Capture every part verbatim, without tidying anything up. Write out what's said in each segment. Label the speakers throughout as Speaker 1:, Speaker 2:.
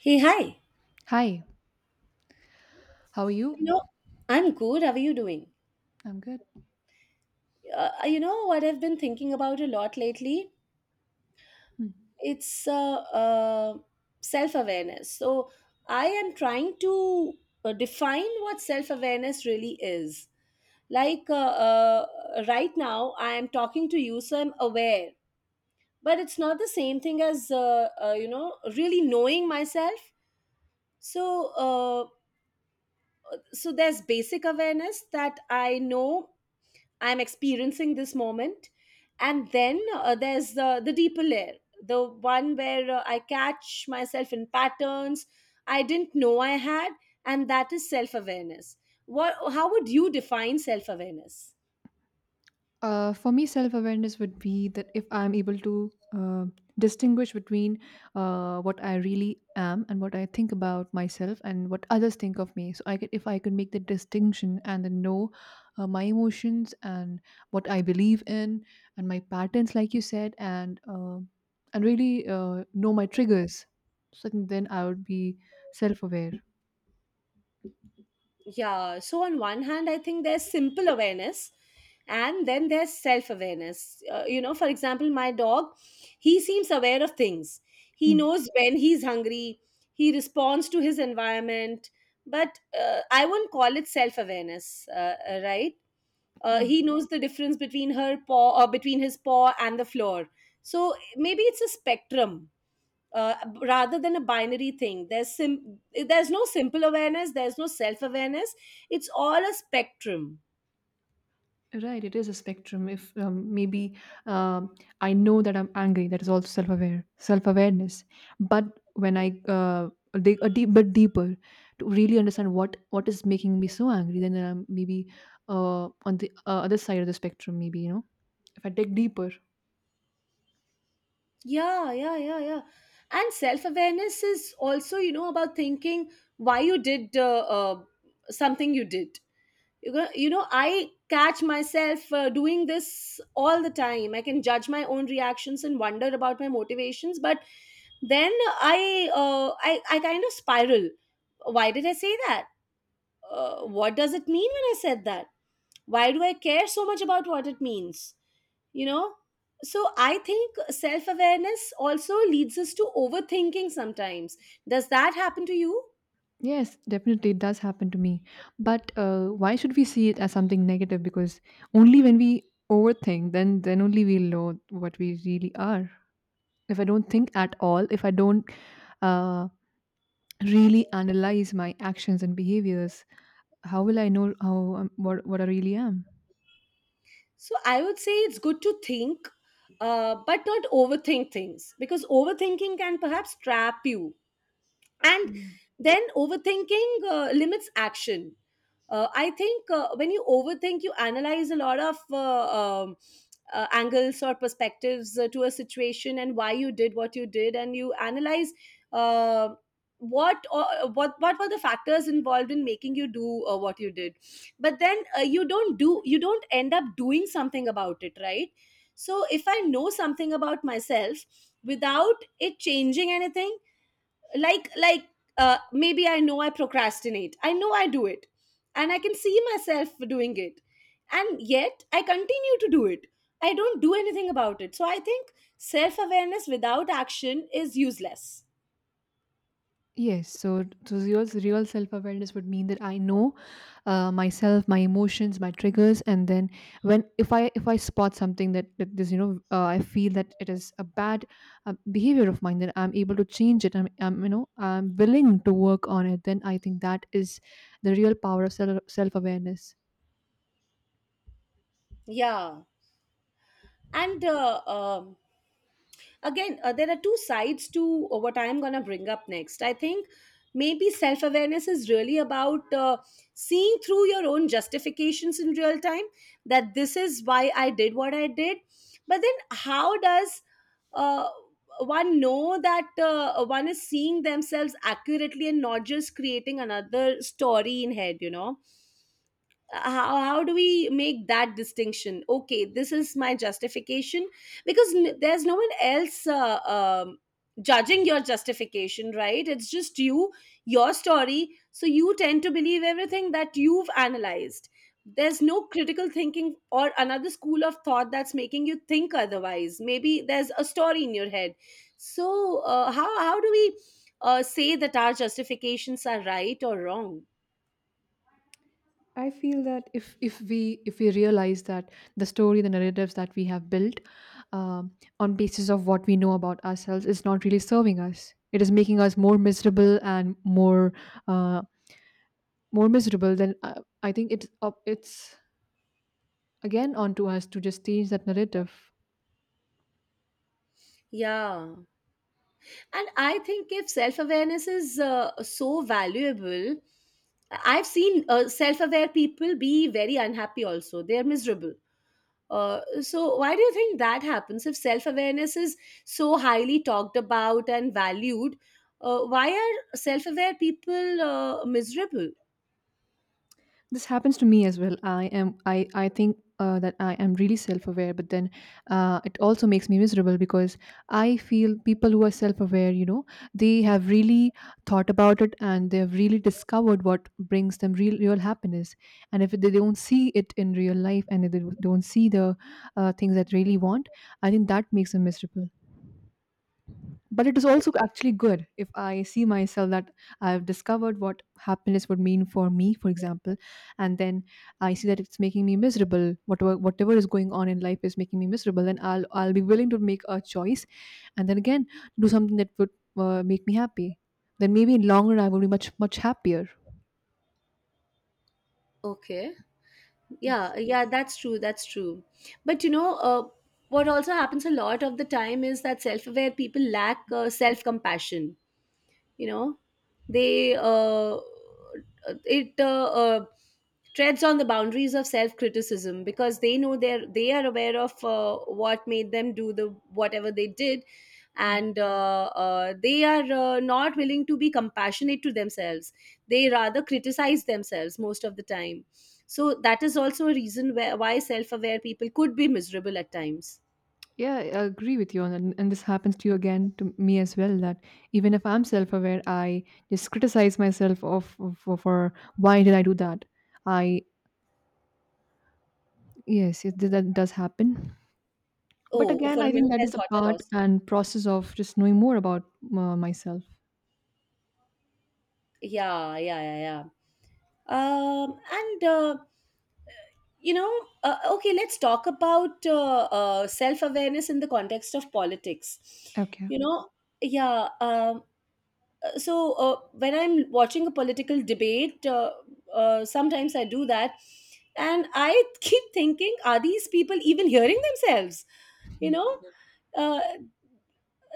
Speaker 1: Hey, hi.
Speaker 2: Hi, how are you?
Speaker 1: You know, I'm good. How are you doing?
Speaker 2: I'm good.
Speaker 1: Uh, you know what I've been thinking about a lot lately?
Speaker 2: Hmm.
Speaker 1: It's uh, uh, self-awareness. So I am trying to uh, define what self-awareness really is. Like uh, uh, right now, I am talking to you, so I'm aware, but it's not the same thing as uh, uh, you know really knowing myself. So uh, so there's basic awareness that I know I'm experiencing this moment, and then uh, there's the the deeper layer, the one where uh, I catch myself in patterns I didn't know I had. And that is self awareness. What how would you define self awareness?
Speaker 2: Uh, for me, self awareness would be that if I'm able to uh, distinguish between uh, what I really am and what I think about myself and what others think of me. So, I could, if I could make the distinction and then know uh, my emotions and what I believe in and my patterns, like you said, and uh, and really uh, know my triggers, so then I would be self aware.
Speaker 1: Yeah, so on one hand I think there's simple awareness, and then there's self awareness. Uh, you know for example, my dog, he seems aware of things. He
Speaker 2: Hmm.
Speaker 1: knows when he's hungry, he responds to his environment. But uh, I wouldn't call it self awareness, uh, uh, right? uh,
Speaker 2: Yeah.
Speaker 1: he knows the difference between her paw, or between his paw and the floor. So maybe it's a spectrum, uh, rather than a binary thing. There's sim- there's no simple awareness, there's no self awareness, it's all a spectrum.
Speaker 2: Right, it is a spectrum. If um, maybe um I know that I'm angry, that is also self-aware, self-awareness. But when I uh, dig a deep, but deeper to really understand what what is making me so angry, then I'm maybe uh, on the uh, other side of the spectrum. Maybe, you know, if I dig deeper,
Speaker 1: Yeah, yeah, yeah, yeah, and self awareness is also, you know about thinking why you did, uh, uh, something you did. You go, you know i catch myself uh, doing this all the time. I can judge my own reactions and wonder about my motivations, but then i uh, i i kind of spiral. Why did I say that? Uh, what does it mean when I said that? Why do I care so much about what it means? You know? So I think self awareness also leads us to overthinking sometimes. Does that happen to you?
Speaker 2: yes, definitely it does happen to me. But uh, why should we see it as something negative? Because only when we overthink, then then only we know what we really are. If I don't think at all, if I don't uh, really analyze my actions and behaviors, how will I know how um, what, what I really am?
Speaker 1: So I would say it's good to think, uh, but not overthink things, because overthinking can perhaps trap you. And then overthinking uh, limits action. uh, i think uh, when you overthink, you analyze a lot of uh, um, uh, angles or perspectives uh, to a situation, and why you did what you did, and you analyze, uh, what, or what what were the factors involved in making you do, uh, what you did. But then uh, you don't do you don't end up doing something about it, right? So if I know something about myself without it changing anything, like like uh, maybe I know I procrastinate. I know I do it, and I can see myself doing it, and yet I continue to do it. I don't do anything about it. So I think self awareness without action is useless.
Speaker 2: Yes, so so real, real self-awareness would mean that I know uh, myself, my emotions, my triggers, and then when if i if I spot something that, that this, you know uh, I feel that it is a bad uh, behavior of mine, then I'm able to change it. I'm, I'm, you know I'm willing to work on it. Then I think that is the real power of self self-awareness
Speaker 1: Yeah. And uh, um again, uh, there are two sides to uh, what I am going to bring up next. I think maybe self awareness is really about, uh, seeing through your own justifications in real time, that this is why I did what I did. But then how does uh, one know that uh, one is seeing themselves accurately and not just creating another story in head? You know how, how do we make that distinction? Okay, this is my justification, because n- there's no one else uh, um, judging your justification, right? It's just you, your story, so you tend to believe everything that you've analyzed. There's no critical thinking or another school of thought that's making you think otherwise. Maybe there's a story in your head. So uh, how how do we, uh, say that our justifications are right or wrong?
Speaker 2: I feel that if if we if we realize that the story, the narratives that we have built um, on basis of what we know about ourselves is not really serving us, it is making us more miserable and more uh, more miserable. Then uh, I think it's up, it's again onto us to just change that narrative.
Speaker 1: Yeah. And I think if self awareness is uh, so valuable, I've seen uh, self aware people be very unhappy also. They're miserable. Uh, so, why do you think that happens? If self awareness is so highly talked about and valued, uh, why are self aware people uh, miserable?
Speaker 2: This happens to me as well. I am i i think uh, that I am really self-aware, but then uh, it also makes me miserable because I feel people who are self-aware, you know they have really thought about it, and they have really discovered what brings them real real happiness. And if they don't see it in real life, and if they don't see the uh, things that really want, I think that makes them miserable. But it is also actually good if I see myself that I've discovered what happiness would mean for me, for example, and then I see that it's making me miserable, whatever whatever is going on in life is making me miserable, then i'll i'll be willing to make a choice and then again do something that would uh, make me happy. Then maybe in long run I will be much much happier.
Speaker 1: Okay.
Speaker 2: Yes.
Speaker 1: Yeah, yeah, that's true. That's true. But you know, uh, what also happens a lot of the time is that self aware people lack uh, self compassion. You know they uh, it uh, uh, treads on the boundaries of self criticism, because they know they're they are aware of uh, what made them do, the whatever they did. And uh, uh, they are uh, not willing to be compassionate to themselves. They rather criticize themselves most of the time. So that is also a reason where, why self aware people could be miserable at times.
Speaker 2: Yeah, I agree with you on that. And this happens to you, again, to me as well, that even if I'm self aware, I just criticize myself of, of for, for why did I do that? I, yes, it, that does happen. But
Speaker 1: Oh,
Speaker 2: again,
Speaker 1: for a
Speaker 2: I think
Speaker 1: minute
Speaker 2: that
Speaker 1: I
Speaker 2: is a
Speaker 1: thought I
Speaker 2: part
Speaker 1: lost.
Speaker 2: and process of just knowing more about uh, myself.
Speaker 1: Yeah, yeah, yeah, yeah. Um, and uh, you know, uh, okay, let's talk about uh, uh, self-awareness in the context of politics.
Speaker 2: Okay.
Speaker 1: You know, yeah. Um, uh, so uh, when I'm watching a political debate, uh, uh, sometimes I do that, and I keep thinking, are these people even hearing themselves? You know, uh,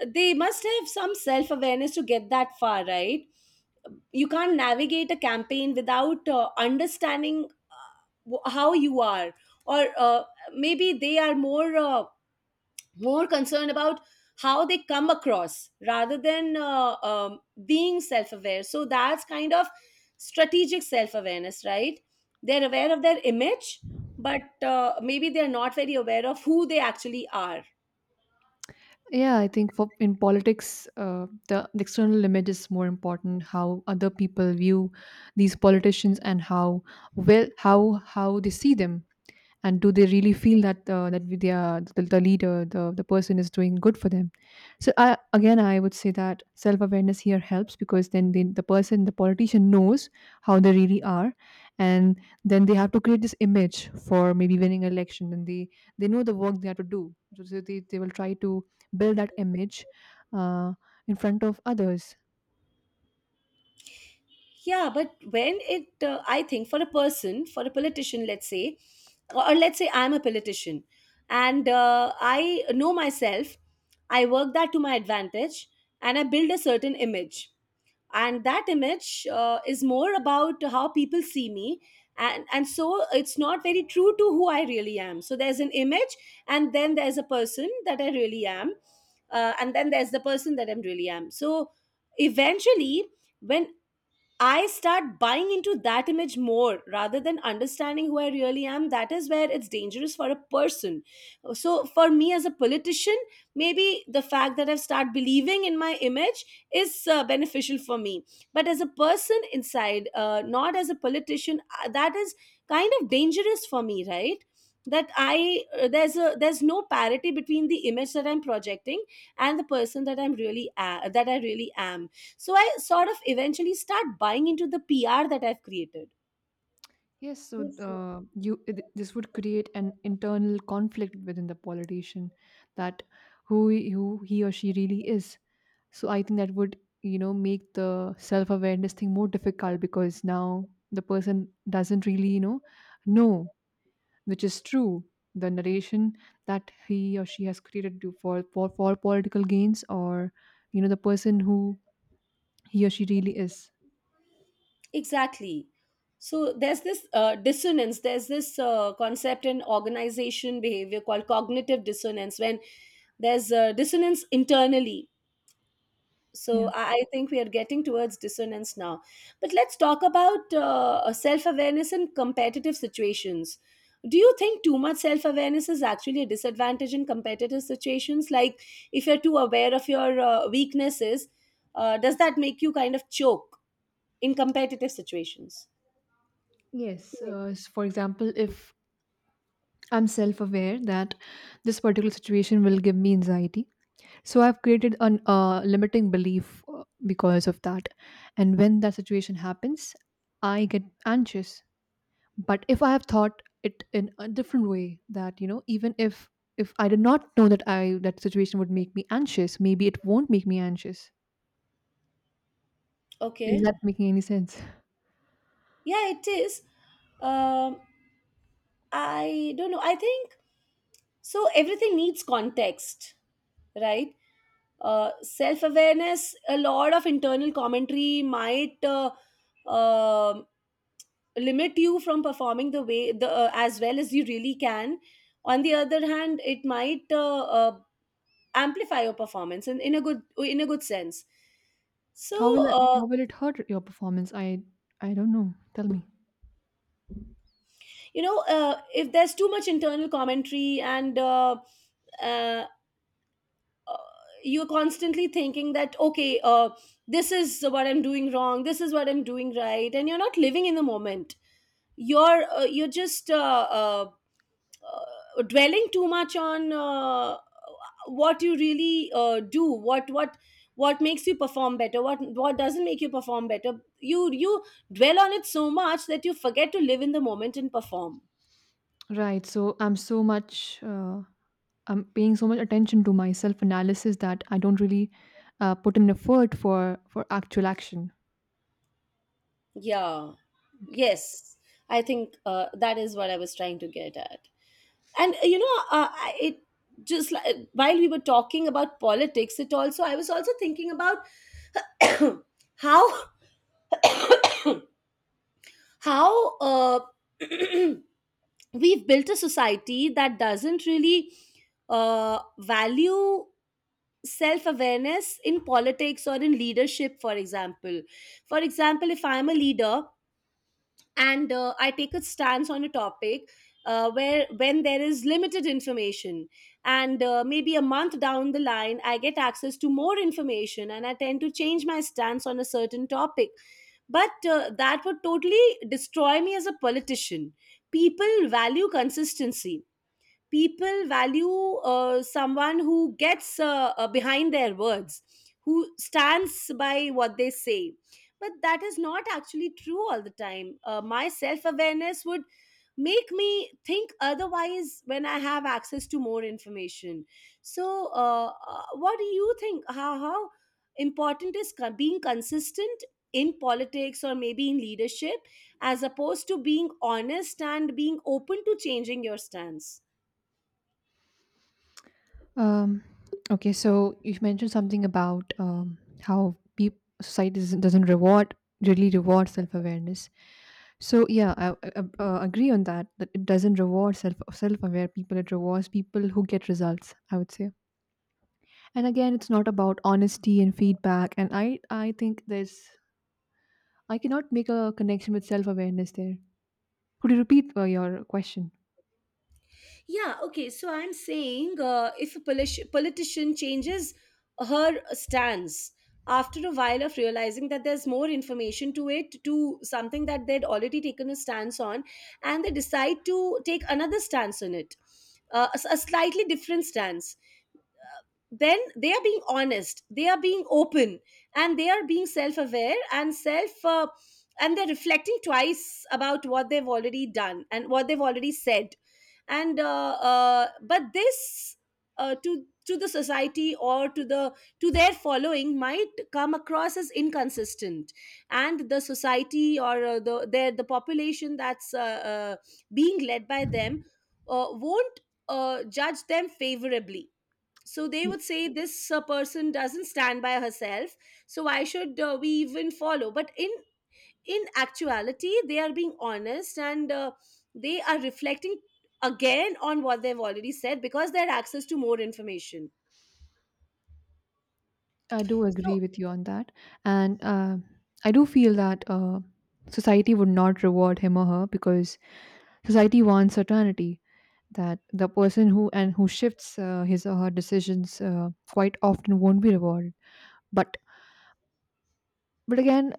Speaker 1: they must have some self-awareness to get that far, right? You can't navigate a campaign without uh, understanding, uh, wh- how you are, or uh, maybe they are more uh, more concerned about how they come across rather than, uh, um, being self-aware. So that's kind of strategic self-awareness, right? They're aware of their image, but uh, maybe they're not very aware of who they actually are.
Speaker 2: Yeah, I think for in politics, uh, the, the external image is more important. How other people view these politicians and how, well, how how they see them, and do they really feel that uh, that we- they are, the, the leader, the the person is doing good for them? So I, again, I would say that self awareness here helps because then the, the person, the politician knows how they really are, and then they have to create this image for maybe winning election, and they they know the work they have to do. So they, they will try to build that image uh, in front of others.
Speaker 1: Yeah, but when it, uh, I think for a person, for a politician, let's say, or, or let's say I'm a politician, and uh, I know myself. I work that to my advantage and I build a certain image. And that image uh, is more about how people see me. And, and so it's not very true to who I really am. So there's an image, and then there's a person that I really am. Uh, and then there's the person that I am really am. So eventually, when I start buying into that image more rather than understanding who I really am. That is where it's dangerous for a person. So, for me as a politician, maybe the fact that I've started believing in my image is uh, beneficial for me. But as a person inside, uh, not as a politician, uh, that is kind of dangerous for me, right? That I uh, there's a there's no parity between the image that I'm projecting and the person that I'm really a- that I really am. So I sort of eventually start buying into the P R that I've created.
Speaker 2: Yes, so
Speaker 1: Yes.
Speaker 2: uh, you it- this would create an internal conflict within the politician that who he- who he or she really is. So I think that would you know make the self awareness thing more difficult because now the person doesn't really you know know which is true, the narration that he or she has created to for for for political gains, or you know the person who he or she really is.
Speaker 1: Exactly. So there's this, uh, dissonance. There's this uh, concept in organization behavior called cognitive dissonance, when there's a dissonance internally. So
Speaker 2: Yeah.
Speaker 1: I I think we are getting towards dissonance now. But let's talk about uh, self awareness in competitive situations. Do you think too much self awareness is actually a disadvantage in competitive situations? Like, if you're too aware of your uh, weaknesses, uh, does that make you kind of choke in competitive situations?
Speaker 2: Yes. Uh, s- for example, if I'm self aware that this particular situation will give me anxiety, so I've created a uh, limiting belief uh, because of that. And when that situation happens, I get anxious. But if I have thought it in a different way, that, you know, even if if I did not know that I that situation would make me anxious, maybe it won't make me anxious. Is
Speaker 1: Okay.
Speaker 2: that making any sense?
Speaker 1: Yeah, it is. Um, I don't know. I think. So everything needs context, right? Uh, Self awareness, a lot of internal commentary might uh, um limit you from performing, the way the uh, as well as you really can. On the other hand, it might uh, uh, amplify your performance in, in a good in a good sense. So,
Speaker 2: How will I,
Speaker 1: uh,
Speaker 2: how will it hurt your performance? I I don't know. Tell me.
Speaker 1: you know, uh, if there's too much internal commentary, and uh, uh, you're constantly thinking that, okay, uh, this is what I'm doing wrong, this is what I'm doing right, and you're not living in the moment. You're uh, you're just uh, uh, uh, dwelling too much on uh, what you really uh, do, what what what makes you perform better, what what doesn't make you perform better. You you dwell on it so much that you forget to live in the moment and perform.
Speaker 2: Right. So I'm so much uh, I'm paying so much attention to my self analysis that I don't really uh, put in effort for for actual action.
Speaker 1: Yeah,
Speaker 2: Okay.
Speaker 1: yes, I think uh, that is what I was trying to get at. And uh, you know uh, I- it, just like while we were talking about politics, it also, I was also thinking about how how uh, we've built a society that doesn't really uh, value self awareness in politics or in leadership, for example. For example, if I'm a leader, and uh, I take a stance on a topic, uh, where when there is limited information, and uh, maybe a month down the line I get access to more information, and I tend to change my stance on a certain topic. But uh, that would totally destroy me as a politician. People value consistency, people value uh, someone who gets uh, uh, behind their words, who stands by what they say. But that is not actually true all the time. Uh, my self awareness would make me think otherwise when I have access to more information. So, uh, uh, what do you think? How, how important is con- being consistent in politics or maybe in leadership, as opposed to being honest and being open to changing your stance?
Speaker 2: Um. Okay. So you mentioned something about um, how peop society doesn't doesn't reward really reward self awareness. So yeah, I, I, I uh, agree on that. That it doesn't reward self self aware people. It rewards people who get results, I would say. And again, it's not about honesty and feedback, and i i think there's, I cannot make a connection with self-awareness there. Could you repeat uh, your question?
Speaker 1: Yeah, okay. So I'm saying uh, if a politi- politician changes her stance after a while of realizing that there's more information to it, to something that they'd already taken a stance on, and they decide to take another stance on it, uh, a s- a slightly different stance, then they are being honest, they are being open, and they are being self aware and self. Uh, and they're reflecting twice about what they've already done and what they've already said and uh, uh, but this uh, to to the society, or to the to their following, might come across as inconsistent, and the society, or uh, the their the population that's uh, uh, being led by them uh, won't uh, judge them favorably. So they would say this uh, person doesn't stand by herself, so why should uh, we even follow? But in in actuality, they are being honest, and uh, they are reflecting again on what they've already said, because they had access to more information.
Speaker 2: Y- I do
Speaker 1: So
Speaker 2: agree with you on that, and uh, I do feel that uh, society would not reward him or her because society wants certainty, that the person who and who shifts uh, his or her decisions uh, quite often won't be rewarded. But but again,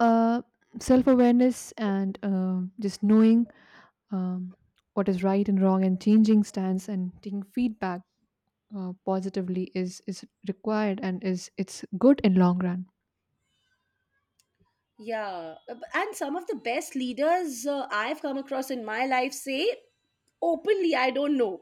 Speaker 2: uh, self-awareness and uh, just knowing um, what is right and wrong and changing stance and taking feedback uh, positively is is required, and is it's good in long run.
Speaker 1: yeah, ab- and some of the best leaders uh, I've come across in my life say openly, I don't know,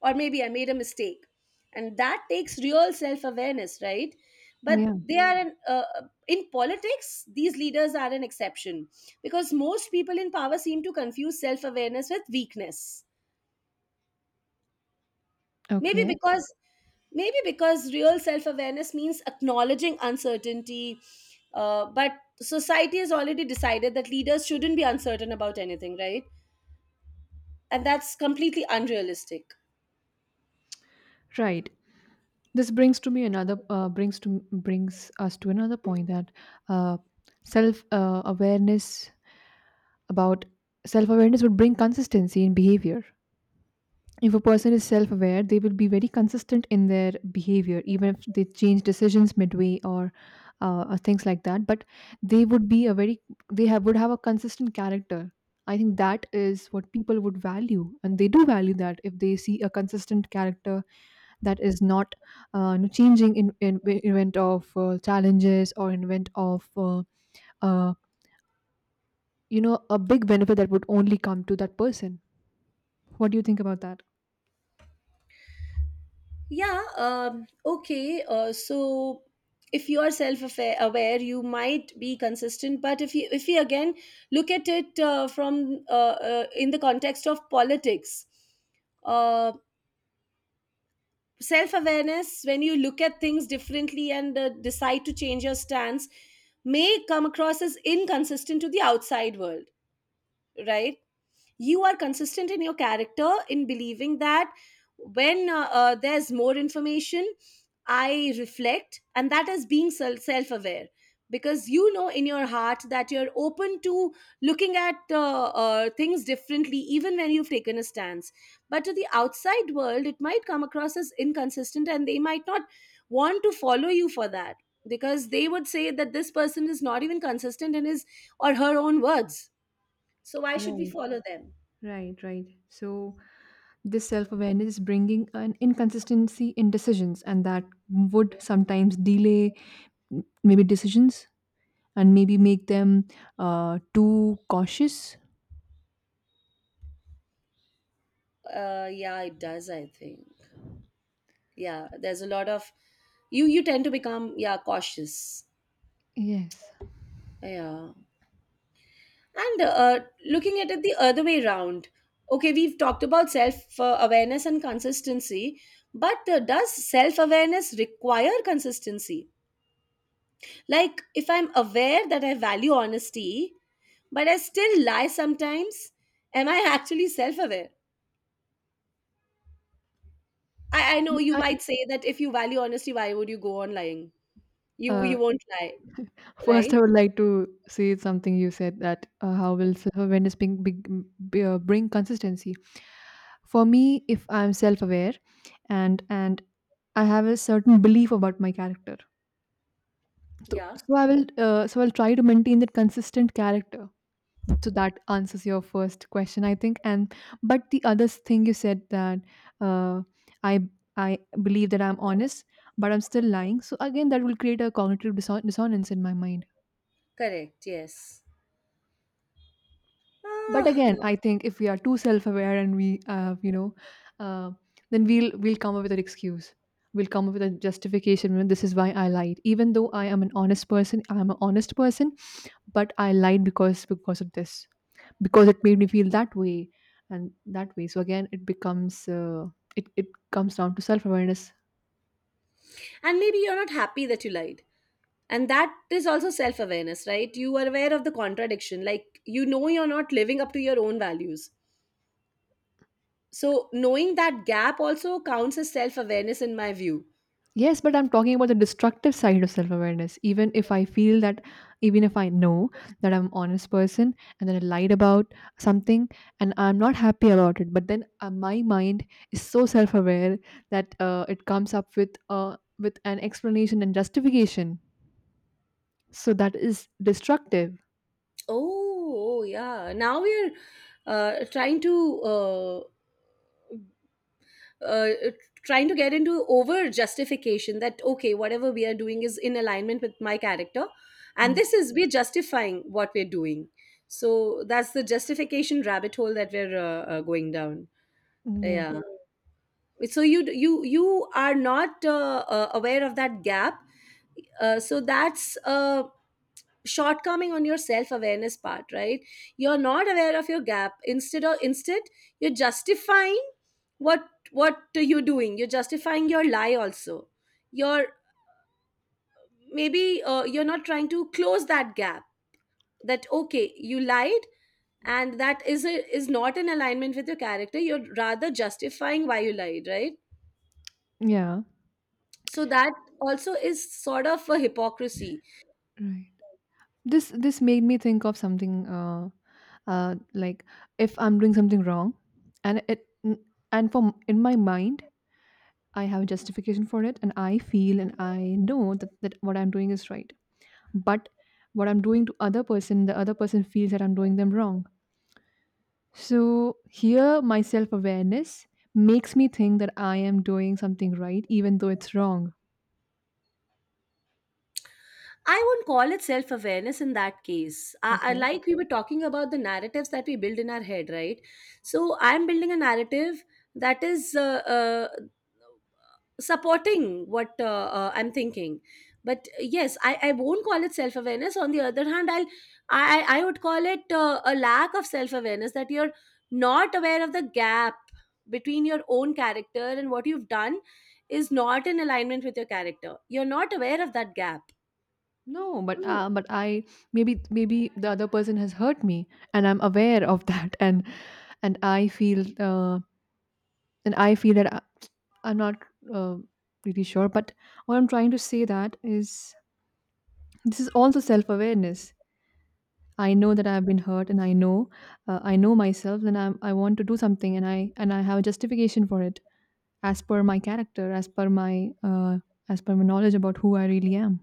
Speaker 1: or maybe I made a mistake, and that takes real self awareness, right? But
Speaker 2: Yeah.
Speaker 1: they are an, uh, uh, in politics, these leaders are an exception, because most people in power seem to confuse self awareness with weakness. Maybe
Speaker 2: Okay.
Speaker 1: because, maybe because real self-awareness means acknowledging uncertainty, uh, but society has already decided that leaders shouldn't be uncertain about anything, right? And that's completely unrealistic.
Speaker 2: Right. This brings to me another, uh, brings to brings us to another point, that uh, self uh, awareness about self awareness would bring consistency in behavior. If a person is self aware, they will be very consistent in their behavior, even if they change decisions midway, or uh, or things like that. But they would be a very, they have would have a consistent character. I think that is what people would value, and they do value that if they see a consistent character that is not uh, you know, changing in, in in event of uh, challenges, or in event of uh, uh, you know a big benefit that would only come to that person. What do you think about that?
Speaker 1: Yeah. Um, okay. Uh, so if you are self-aware aware, you might be consistent, but if you, if you again, look at it uh, from uh, uh, in the context of politics, uh, self awareness, when you look at things differently and uh, decide to change your stance, may come across as inconsistent to the outside world, right? You are consistent in your character in believing that when uh, uh, there's more information, I reflect, and that is being sel- self-aware, because you know in your heart that you're open to looking at uh, uh, things differently even when you've taken a stance. But to the outside world it might come across as inconsistent, and they might not want to follow you for that, because they would say that this person is not even consistent in his or her own words, so why should we
Speaker 2: Right,
Speaker 1: follow them?
Speaker 2: right, right. So this self awareness is bringing an inconsistency in decisions, and that would sometimes delay m- maybe decisions, and maybe make them uh, too cautious.
Speaker 1: Uh, yeah, it does, I think. Yeah, there's a lot of, you you tend to become, yeah, cautious.
Speaker 2: Yes.
Speaker 1: Yeah. And uh, looking at it the other way around, okay, we've talked about self uh, awareness and consistency, but uh, does self awareness require consistency? Like if I'm aware that I value honesty, but I still lie sometimes, am I actually self aware? I, I know you
Speaker 2: I,
Speaker 1: might say that if you value honesty, why would you go on lying? You
Speaker 2: uh,
Speaker 1: you won't lie,
Speaker 2: first,
Speaker 1: right?
Speaker 2: I would like to say something you said, that uh, how will self awareness bring, bring, b- uh, bring consistency? For me, if I'm self aware, and and I have a certain belief about my character, so,
Speaker 1: Yeah.
Speaker 2: so I will uh, so I'll try to maintain that consistent character. So that answers your first question, I think. And but the other thing you said, that uh, i i believe that I'm honest, but I'm still lying, so again that will create a cognitive disson- dissonance in my mind.
Speaker 1: Correct, yes.
Speaker 2: But
Speaker 1: Ah,
Speaker 2: again, I think if we are too self-aware, and we uh, you know uh, then we'll we'll come up with an excuse, we'll come up with a justification: "Well, this is why I lied, even though I am an honest person. I'm an honest person but I lied because because of this, because it made me feel that way, and that way, so again it becomes uh, it, it comes down to self-awareness."
Speaker 1: and maybe you're not happy that you lied. And that is also self awareness, right? You are aware of the contradiction. Like, you know, you're not living up to your own values. So knowing that gap also counts as self awareness, in my view.
Speaker 2: Yes, but I'm talking about the destructive side of self-awareness. Even if i feel that even if I know that I'm an honest person, and then I lied about something, and I'm not happy about it, but then uh, my mind is so self-aware that uh, it comes up with uh, with an explanation and justification, so that is destructive.
Speaker 1: Oh, oh, yeah. Now we're uh, trying to uh, uh, trying to get into over justification, that okay, whatever we are doing is in alignment with my character, and
Speaker 2: Mm.
Speaker 1: this is, we're justifying what we're doing. So that's the justification rabbit hole that we're uh, uh, going down.
Speaker 2: Mm, yeah.
Speaker 1: Yeah. So you you you are not uh, uh, aware of that gap. Uh, so that's uh, shortcoming on your self-awareness part, right? You're not aware of your gap. Instead of instead you're justifying what what you're doing. You're justifying your lie also. you're maybe uh, you're not trying to close that gap, that okay, you lied, and that is a, is not in alignment with your character. You're rather justifying why you lied, right?
Speaker 2: Yeah.
Speaker 1: So that also is sort of a hypocrisy.
Speaker 2: Right. This this made me think of something, uh uh like, if I'm doing something wrong, and, it n- and from in my mind, I have a justification for it, and I feel and I know that, that what I'm doing is right. But what I'm doing to other person, the other person feels that I'm doing them wrong. So, here my self awareness makes me think that I am doing something right, even though it's wrong.
Speaker 1: I won't call it self awareness in that case. I, I
Speaker 2: Okay.
Speaker 1: like we were talking about the narratives that we build in our head, right? So I'm building a narrative that is uh, uh, supporting what uh, uh, I'm thinking. But uh, yes, I, I won't call it self awareness. On the other hand, I'll I I I would call it uh, a lack of self awareness that you're not aware of the gap between your own character and what you've done is not in alignment with your character. You're not aware of that gap.
Speaker 2: No, but
Speaker 1: Mm.
Speaker 2: uh, but I, maybe maybe the other person has hurt me, and I'm aware of that, and and I feel, uh, and I feel that I, I'm not uh, really sure. But what I'm trying to say that is, this is also self awareness. I know that I've been hurt, and I know uh, I know myself, and I'm, I want to do something, and I and I have a justification for it. As per my character, as per my uh, as per my knowledge about who I really am.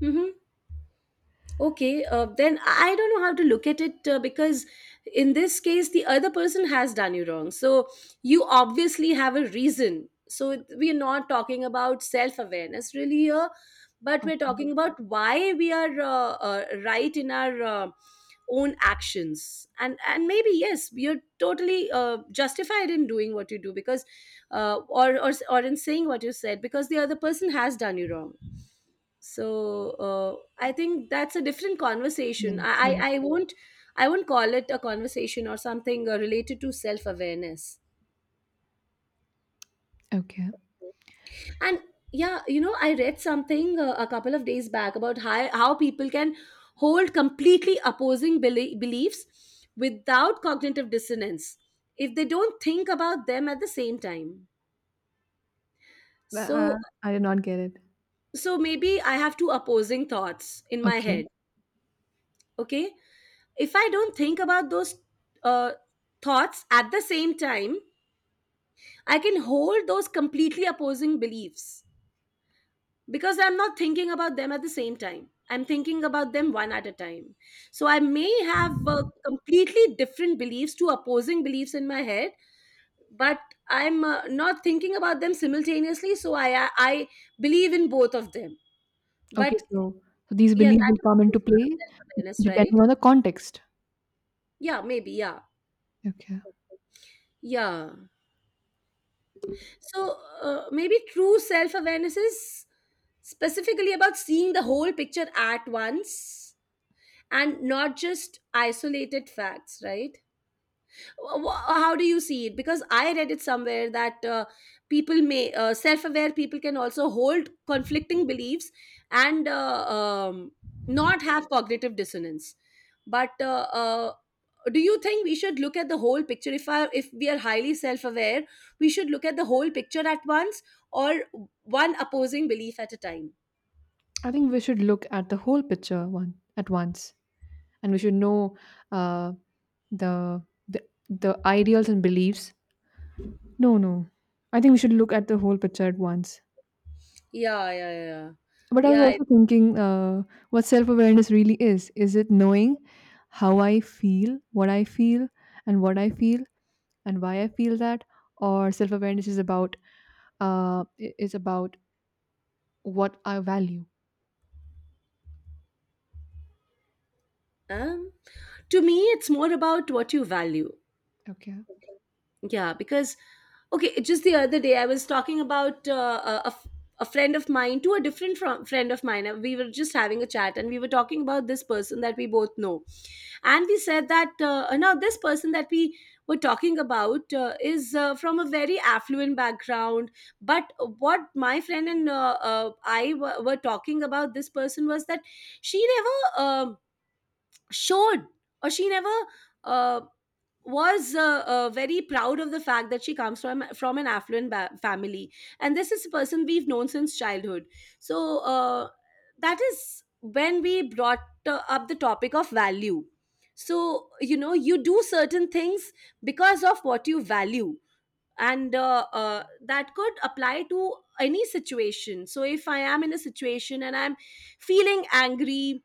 Speaker 1: hmm Okay. Uh, then I don't know how to look at it, uh, because in this case, the other person has done you wrong. So you obviously have a reason. So, it- we're not talking about self awareness really here, but we're
Speaker 2: Okay.
Speaker 1: talking about why we are uh, uh, right in our uh, own actions. And, and maybe, yes, you're totally uh, justified in doing what you do, because, uh, or, or, or in saying what you said, because the other person has done you wrong. So uh, I think that's a different
Speaker 2: Yes.
Speaker 1: conversation. I,
Speaker 2: Yes.
Speaker 1: I i won't i won't call it a conversation or something uh, related to self awareness.
Speaker 2: Okay.
Speaker 1: And yeah, you know I read something uh, a couple of days back about how, how people can hold completely opposing beli- beliefs without cognitive dissonance if they don't think about them at the same time.
Speaker 2: Uh, uh,
Speaker 1: so
Speaker 2: I did not get it.
Speaker 1: so maybe I have two opposing thoughts in my
Speaker 2: Okay.
Speaker 1: head. Okay, if I don't think about those uh, thoughts at the same time, I can hold those completely opposing beliefs, because I'm not thinking about them at the same time. I'm thinking about them one at a time. So I may have uh, completely different beliefs, two opposing beliefs in my head, but I'm uh, not thinking about them simultaneously. So, I, I I believe in both of them.
Speaker 2: Okay.
Speaker 1: But
Speaker 2: So, so these
Speaker 1: yeah,
Speaker 2: beliefs
Speaker 1: that
Speaker 2: will
Speaker 1: is
Speaker 2: come
Speaker 1: also
Speaker 2: into
Speaker 1: sort of
Speaker 2: play
Speaker 1: self awareness, right?
Speaker 2: depending on the context.
Speaker 1: Yeah, maybe. Yeah.
Speaker 2: Okay.
Speaker 1: Yeah. So, uh, maybe true self awareness is specifically about seeing the whole picture at once and not just isolated facts, right? Wh- wh- how do you see it? Because I read it somewhere that uh, people may uh, self-aware people can also hold conflicting beliefs and uh, um, not have cognitive dissonance, but uh, uh, do you think we should look at the whole picture? If I, if we are highly self-aware, we should look at the whole picture at once, or one opposing belief at a time?
Speaker 2: I think we should look at the whole picture one at once, and we should know uh, the the the ideals and beliefs. No, no. I think we should look at the whole picture at once.
Speaker 1: Yeah, yeah, yeah.
Speaker 2: But I was
Speaker 1: Yeah, it-
Speaker 2: also thinking uh, what self awareness really is. Is it knowing how I feel, what I feel, and what I feel, and why I feel that? Or self awareness is about, uh, i- is about what I value.
Speaker 1: um, to me, it's more about what you value.
Speaker 2: Okay.
Speaker 1: Yeah, because okay, just the other day I was talking about uh, a, a f- a friend of mine to a different fr- friend of mine. Uh, We were just having a chat, and we were talking about this person that we both know, and we said that uh, now, this person that we were talking about, uh, is uh, from a very affluent background. But what my friend and uh, uh, I were were talking about this person was that she never. Um showed, or she never uh, was uh, uh, very proud of the fact that she comes from from an affluent ba- family. And this is a person we've known since childhood. So uh, that is when we brought uh, up the topic of value. So, you know, you do certain things because of what you value. And uh, uh, that could apply to any situation. So if I am in a situation and I'm feeling angry,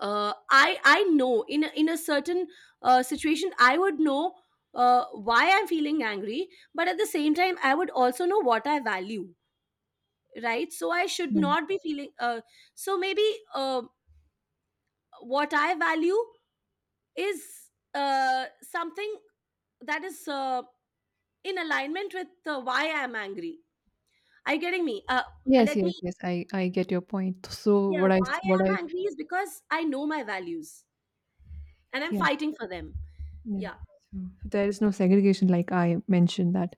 Speaker 1: uh, I, I know, in a, in a certain uh, situation, I would know uh, why I'm feeling angry, but at the same time I would also know what I value, right? So I should
Speaker 2: Right.
Speaker 1: not be feeling. Uh, so maybe uh, what I value is uh, something that is uh, in alignment with uh, why I'm angry. Are you getting me? Uh,
Speaker 2: Yes,
Speaker 1: let me.
Speaker 2: yes, yes. I, I get your point. So
Speaker 1: Yeah,
Speaker 2: what I
Speaker 1: why
Speaker 2: s- what
Speaker 1: I'm
Speaker 2: I
Speaker 1: angry is because I know my values, and I'm
Speaker 2: Yeah,
Speaker 1: fighting for them.
Speaker 2: yeah.
Speaker 1: Yeah,
Speaker 2: So there is no segregation, like I mentioned, that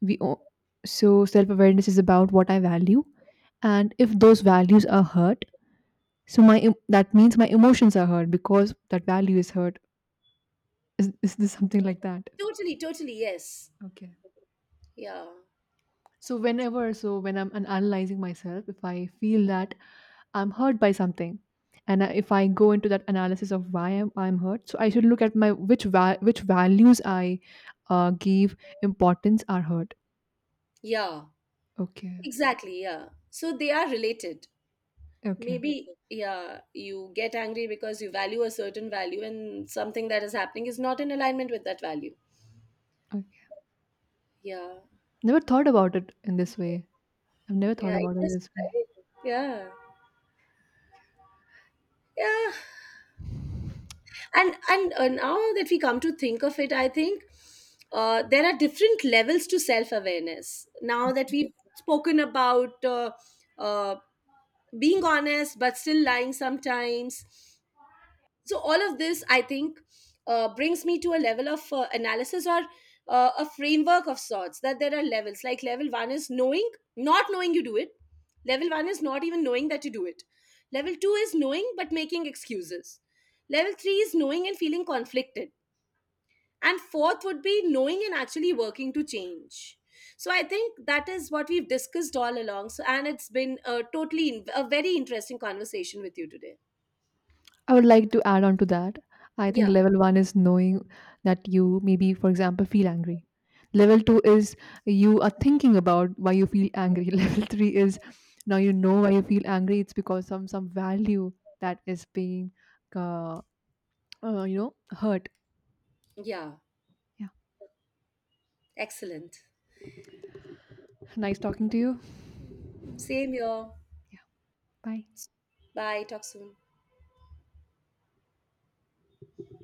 Speaker 2: we o- so self awareness is about what I value, and if those values are hurt, so my em- that means my emotions are hurt because that value is hurt. Is is this something like that?
Speaker 1: totally, totally. Yes.
Speaker 2: Okay.
Speaker 1: Yeah,
Speaker 2: So whenever, so when I'm an- analyzing myself, if I feel that I'm hurt by something, and I- if I go into that analysis of why I'm, I'm hurt, so I should look at my which va- which values I uh, gave importance are hurt.
Speaker 1: yeah,
Speaker 2: Okay.
Speaker 1: exactly. Yeah. So they are related.
Speaker 2: Okay.
Speaker 1: Maybe. Mhm. Yeah, you get angry because you value a certain value, and something that is happening is not in alignment with that value.
Speaker 2: Okay.
Speaker 1: Yeah,
Speaker 2: Never thought about it in this way. I've never thought
Speaker 1: yeah,
Speaker 2: about it
Speaker 1: interesting,
Speaker 2: this way.
Speaker 1: right? Yeah, yeah. And, and uh, Now that we come to think of it, I think uh, there are different levels to self awareness. Now that we've spoken about uh, uh, being honest but still lying sometimes, so all of this, I think, uh, brings me to a level of uh, analysis, or uh, a framework of sorts, that there are levels. Like, level one is knowing not knowing you do it level one is not even knowing that you do it. Level two is knowing but making excuses. Level three is knowing and feeling conflicted. And fourth would be knowing and actually working to change. So I think that is what we've discussed all along. So, and it's been a totally a very interesting conversation with you today.
Speaker 2: I would like to add on to that. I think
Speaker 1: Yeah.
Speaker 2: level one is knowing that you maybe, for example, feel angry. Level two is you are thinking about why you feel angry. Level three is, now you know why you feel angry. It's because some some value that is being, uh, uh, you know, hurt.
Speaker 1: Yeah,
Speaker 2: Yeah.
Speaker 1: excellent.
Speaker 2: Nice talking to you.
Speaker 1: Same here.
Speaker 2: Yeah. Bye.
Speaker 1: Bye. Talk soon.